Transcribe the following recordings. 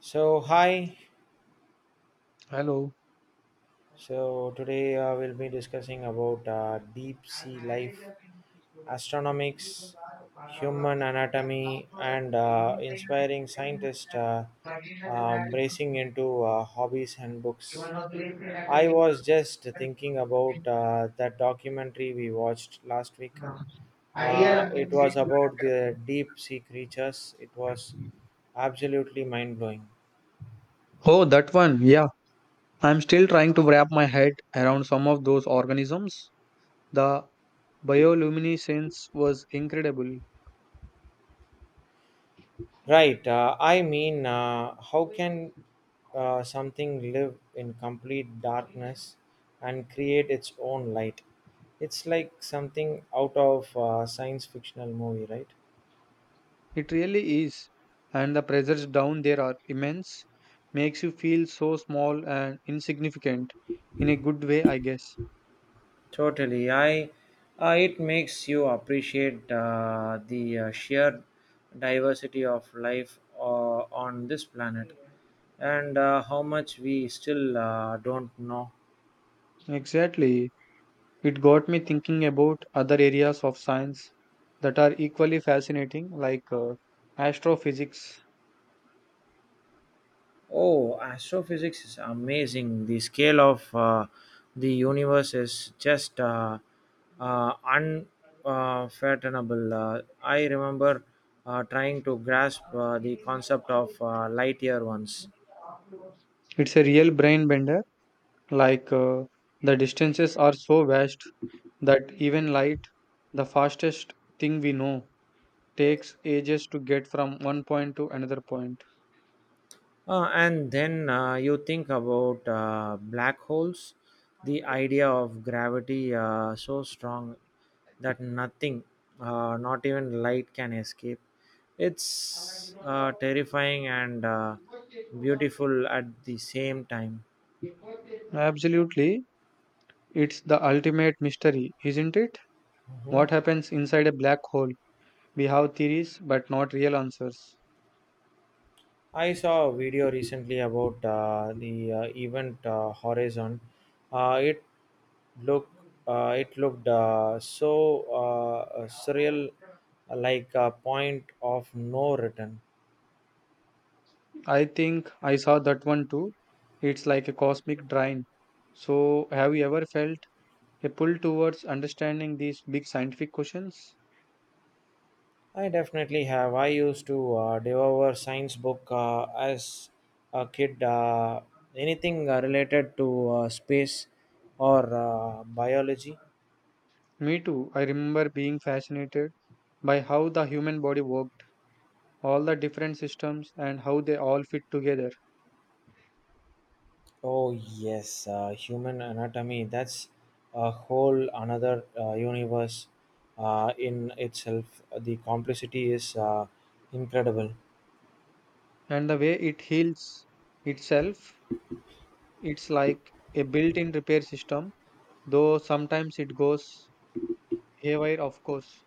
So, hi. Hello. So, today we'll be discussing about deep sea life, astronomics, human anatomy, and inspiring scientists bracing into hobbies and books. I was just thinking about that documentary we watched last week. It was about the deep sea creatures, it was absolutely mind blowing. Oh, that one. Yeah. I'm still trying to wrap my head around some of those organisms. The bioluminescence was incredible. Right. I mean, how can something live in complete darkness and create its own light? It's like something out of a science fictional movie, right? It really is. And the pressures down there are immense. Makes you feel so small and insignificant in a good way, I guess. Totally. I It makes you appreciate the sheer diversity of life on this planet and how much we still don't know. Exactly. It got me thinking about other areas of science that are equally fascinating, like astrophysics. Oh, astrophysics is amazing. The scale of the universe is just uh, unfathomable. I remember trying to grasp the concept of light year once. It's a real brain bender. Like the distances are so vast that even light, the fastest thing we know, takes ages to get from one point to another point. And then you think about black holes, the idea of gravity so strong that nothing, not even light, can escape. It's terrifying and beautiful at the same time. Absolutely. It's the ultimate mystery, isn't it? Mhm. What happens inside a black hole? We have theories, but not real answers. I saw a video recently about the event horizon. Uh, it looked it looked surreal, like a point of no return. I think I saw that one too. It's like a cosmic drain. So, have you ever felt a pull towards understanding these big scientific questions? I definitely have. I used to devour science book as a kid. Anything related to space or biology. Me too. I remember being fascinated by how the human body worked, all the different systems, and how they all fit together. Oh yes, human anatomy. That's a whole another universe in itself. The complexity is incredible. And the way it heals itself, it's like a built in repair system, though sometimes it goes haywire, of course.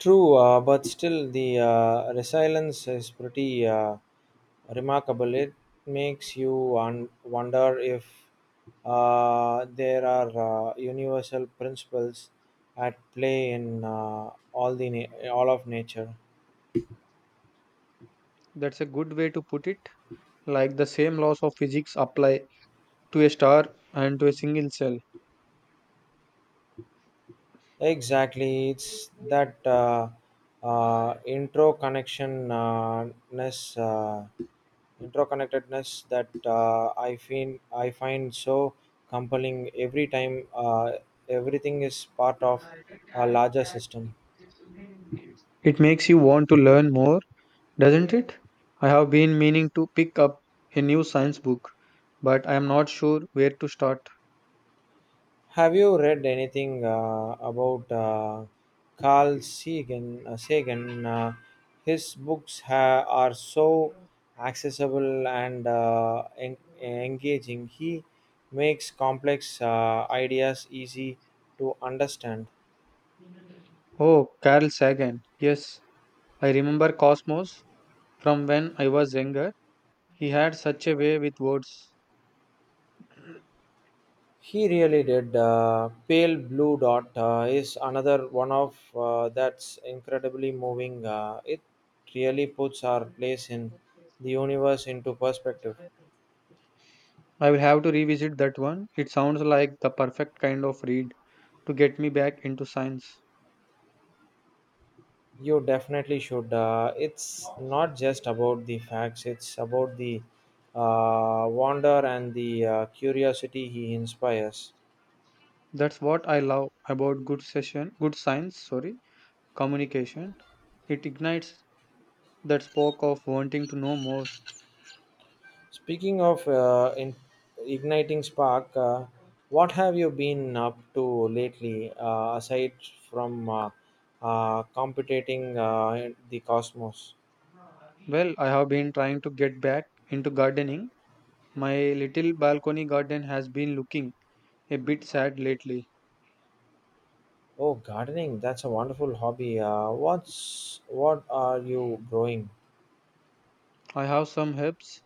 True, but still the resilience is pretty remarkable. It makes you wonder if there are universal principles at play in all the all of nature. That's a good way to put it. Like the same laws of physics apply to a star and to a single cell. Exactly, it's that intro connection ness, interconnectedness that I find so compelling every time everything is part of a larger system. It makes you want to learn more. Doesn't it? I have been meaning to pick up a new science book, but I am not sure where to start. Have you read anything about Carl Sagan? His books are so accessible and engaging. He makes complex ideas easy to understand. Oh, Carl Sagan. Yes, I remember Cosmos from when I was younger. He had such a way with words. He really did. Pale Blue Dot is another one of that's incredibly moving. It really puts our place in the universe into perspective. I will have to revisit that one. It sounds like the perfect kind of read to get me back into science. You definitely should. It's not just about the facts, it's about the wonder and the curiosity he inspires. That's what I love about good session, good science, sorry, communication. It ignites that spark of wanting to know more. Speaking of igniting spark, what have you been up to lately aside from competing in the cosmos? Well, I have been trying to get back into gardening. My little balcony garden has been looking a bit sad lately. Oh, gardening, that's a wonderful hobby. What are you growing? I have some herbs,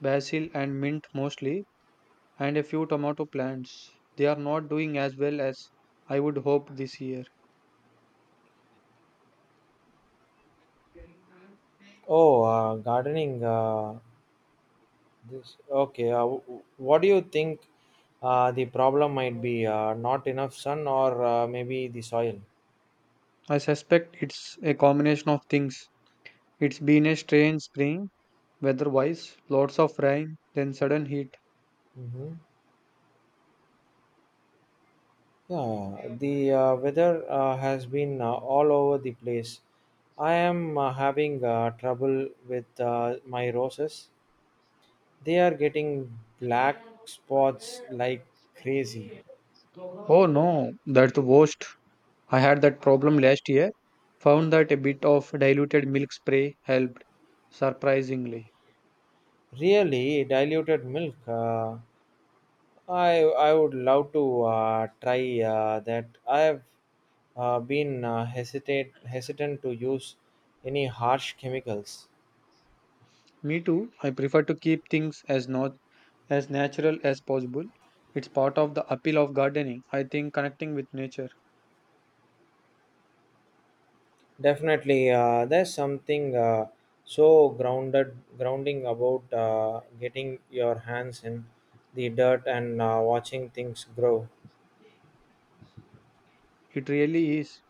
basil and mint mostly, and a few tomato plants. They are not doing as well as I would hope this year. Oh, gardening. This okay. W- what do you think the problem might be? Not enough sun, or maybe the soil. I suspect it's a combination of things. It's been a strange spring, weather-wise, lots of rain, then sudden heat. hmm Yeah, the weather has been all over the place. I am having trouble with my roses. They are getting black spots like crazy. Oh no, that's the worst. I had that problem last year. Found that a bit of diluted milk spray helped, surprisingly. Really diluted milk. I would love to try that. I have been hesitate hesitant to use any harsh chemicals. Me too. I prefer to keep things as not as natural as possible. It's part of the appeal of gardening. I think connecting with nature. Definitely, there's something so grounded grounding about getting your hands in the dirt and watching things grow. It really is.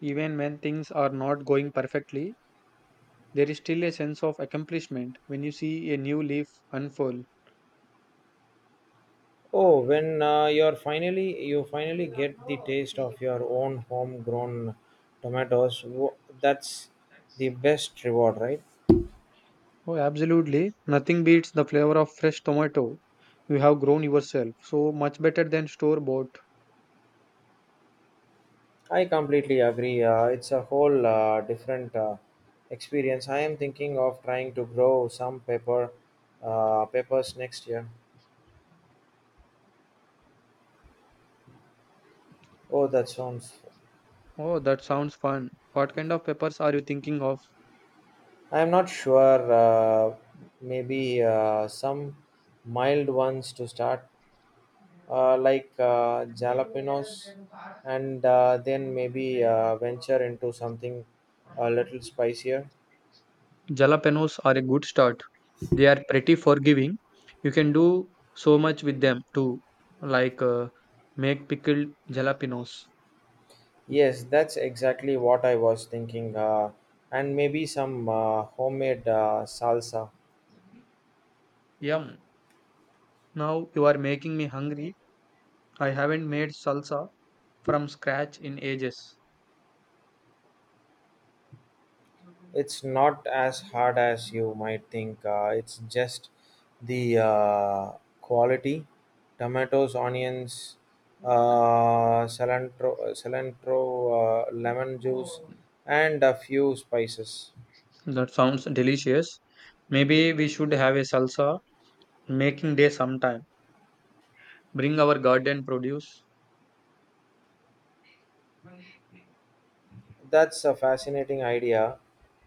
Even when things are not going perfectly, there is still a sense of accomplishment when you see a new leaf unfurl. Oh, when you finally get the taste of your own homegrown tomatoes, that's the best reward, right? Oh, absolutely. Nothing beats the flavor of fresh tomato you have grown yourself. So much better than store bought. I completely agree. It's a whole different experience. I am thinking of trying to grow some peppers next year. Oh, that sounds. Oh, that sounds fun. What kind of peppers are you thinking of? I am not sure. Maybe some mild ones to start, like jalapenos, and then maybe venture into something a little spicier. Jalapenos are a good start. They are pretty forgiving. You can do so much with them too, like make pickled jalapenos. Yes, that's exactly what I was thinking. And maybe some homemade salsa. Yum. Now you are making me hungry. I haven't made salsa from scratch in ages. It's not as hard as you might think. It's just the quality tomatoes, onions, cilantro lemon juice, and a few spices. That sounds delicious. Maybe we should have a salsa making day sometime. Bring our garden produce. That's a fascinating idea.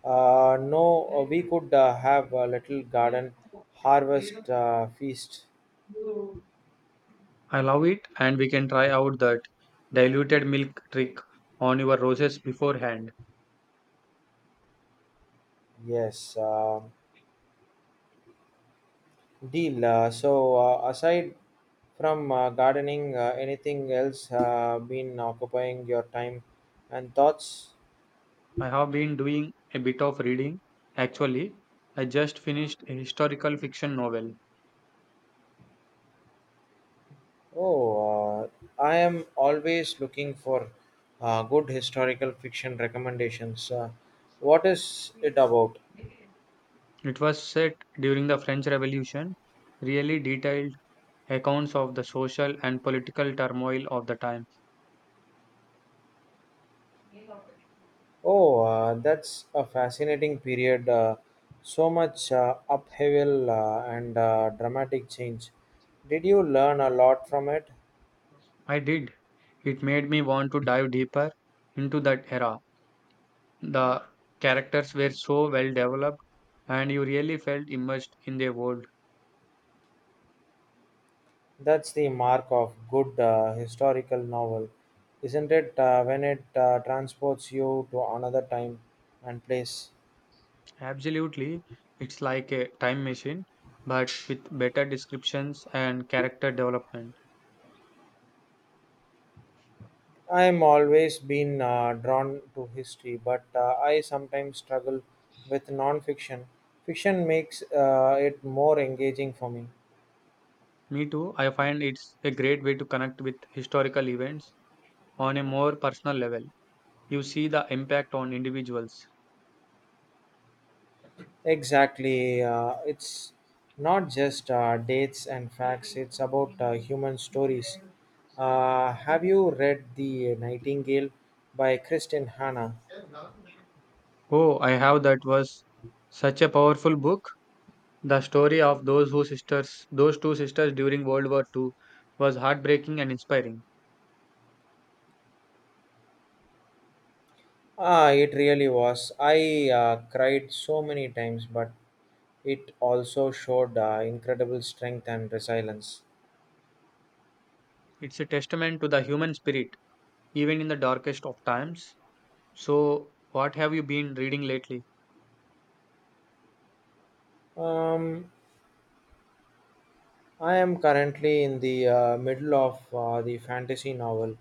No, We could have a little garden harvest feast. I love it, and we can try out that diluted milk trick on your roses beforehand. Yes, deal. So, aside from gardening, anything else been occupying your time and thoughts? I have been doing a bit of reading. Actually, I just finished a historical fiction novel. Oh, I am always looking for good historical fiction recommendations. What is it about? It was set during the French Revolution, really detailed accounts of the social and political turmoil of the time. Oh, that's a fascinating period. So much upheaval and dramatic change. Did you learn a lot from it? I did. It made me want to dive deeper into that era. The characters were so well developed, and you really felt immersed in their world. That's the mark of good historical novel, isn't it? When it transports you to another time and place. Absolutely, it's like a time machine, but with better descriptions and character development. I'm always been drawn to history, but I sometimes struggle with non-fiction. Fiction makes it more engaging for me. Me too, I find it's a great way to connect with historical events on a more personal level. You see the impact on individuals. Exactly, it's not just dates and facts. It's about human stories. Have you read *The Nightingale* by Kristin Hanna? Oh, I have that was such a powerful book. The story of those two sisters during World War II was heartbreaking and inspiring. Ah, it really was. I cried so many times, but it also showed incredible strength and resilience. It's a testament to the human spirit, even in the darkest of times. So, what have you been reading lately? Um, I am currently in the middle of the fantasy novel.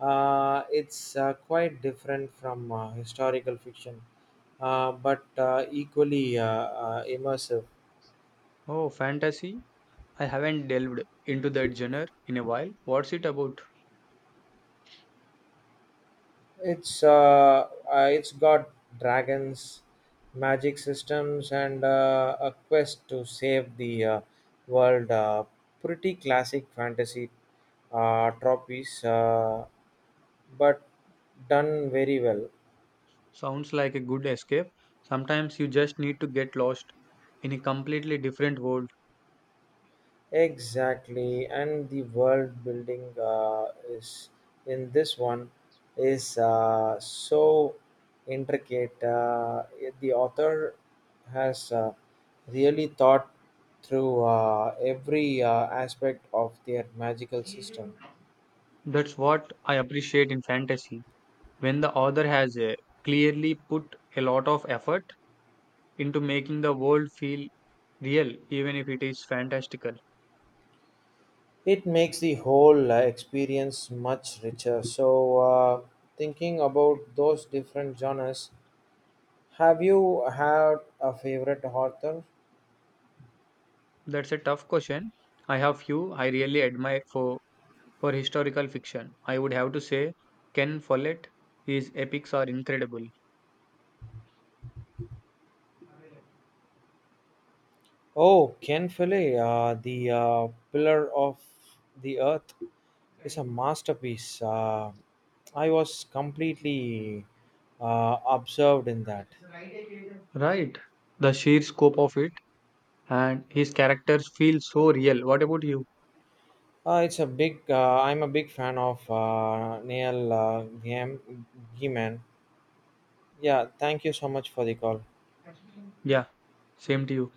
It's quite different from historical fiction, but equally immersive. Oh, fantasy? I haven't delved into that genre in a while. What's it about? It's got dragons, magic systems, and a quest to save the world. Pretty classic fantasy tropes, but done very well. Sounds like a good escape. Sometimes you just need to get lost in a completely different world. Exactly, and the world building is in this one is so intricate. The author has really thought through every aspect of their magical system. That's what I appreciate in fantasy. When the author has clearly put a lot of effort into making the world feel real, even if it is fantastical. It makes the whole experience much richer. So, thinking about those different genres, have you had a favorite author? That's a tough question. I have few I really admire For historical fiction, I would have to say Ken Follett. His epics are incredible. Oh, Ken Follett, the Pillar of the Earth, is a masterpiece. I was completely absorbed in that. Right. The sheer scope of it and his characters feel so real. What about you? It's a big. I'm a big fan of Neil Gaiman. Yeah, thank you so much for the call. Yeah, same to you.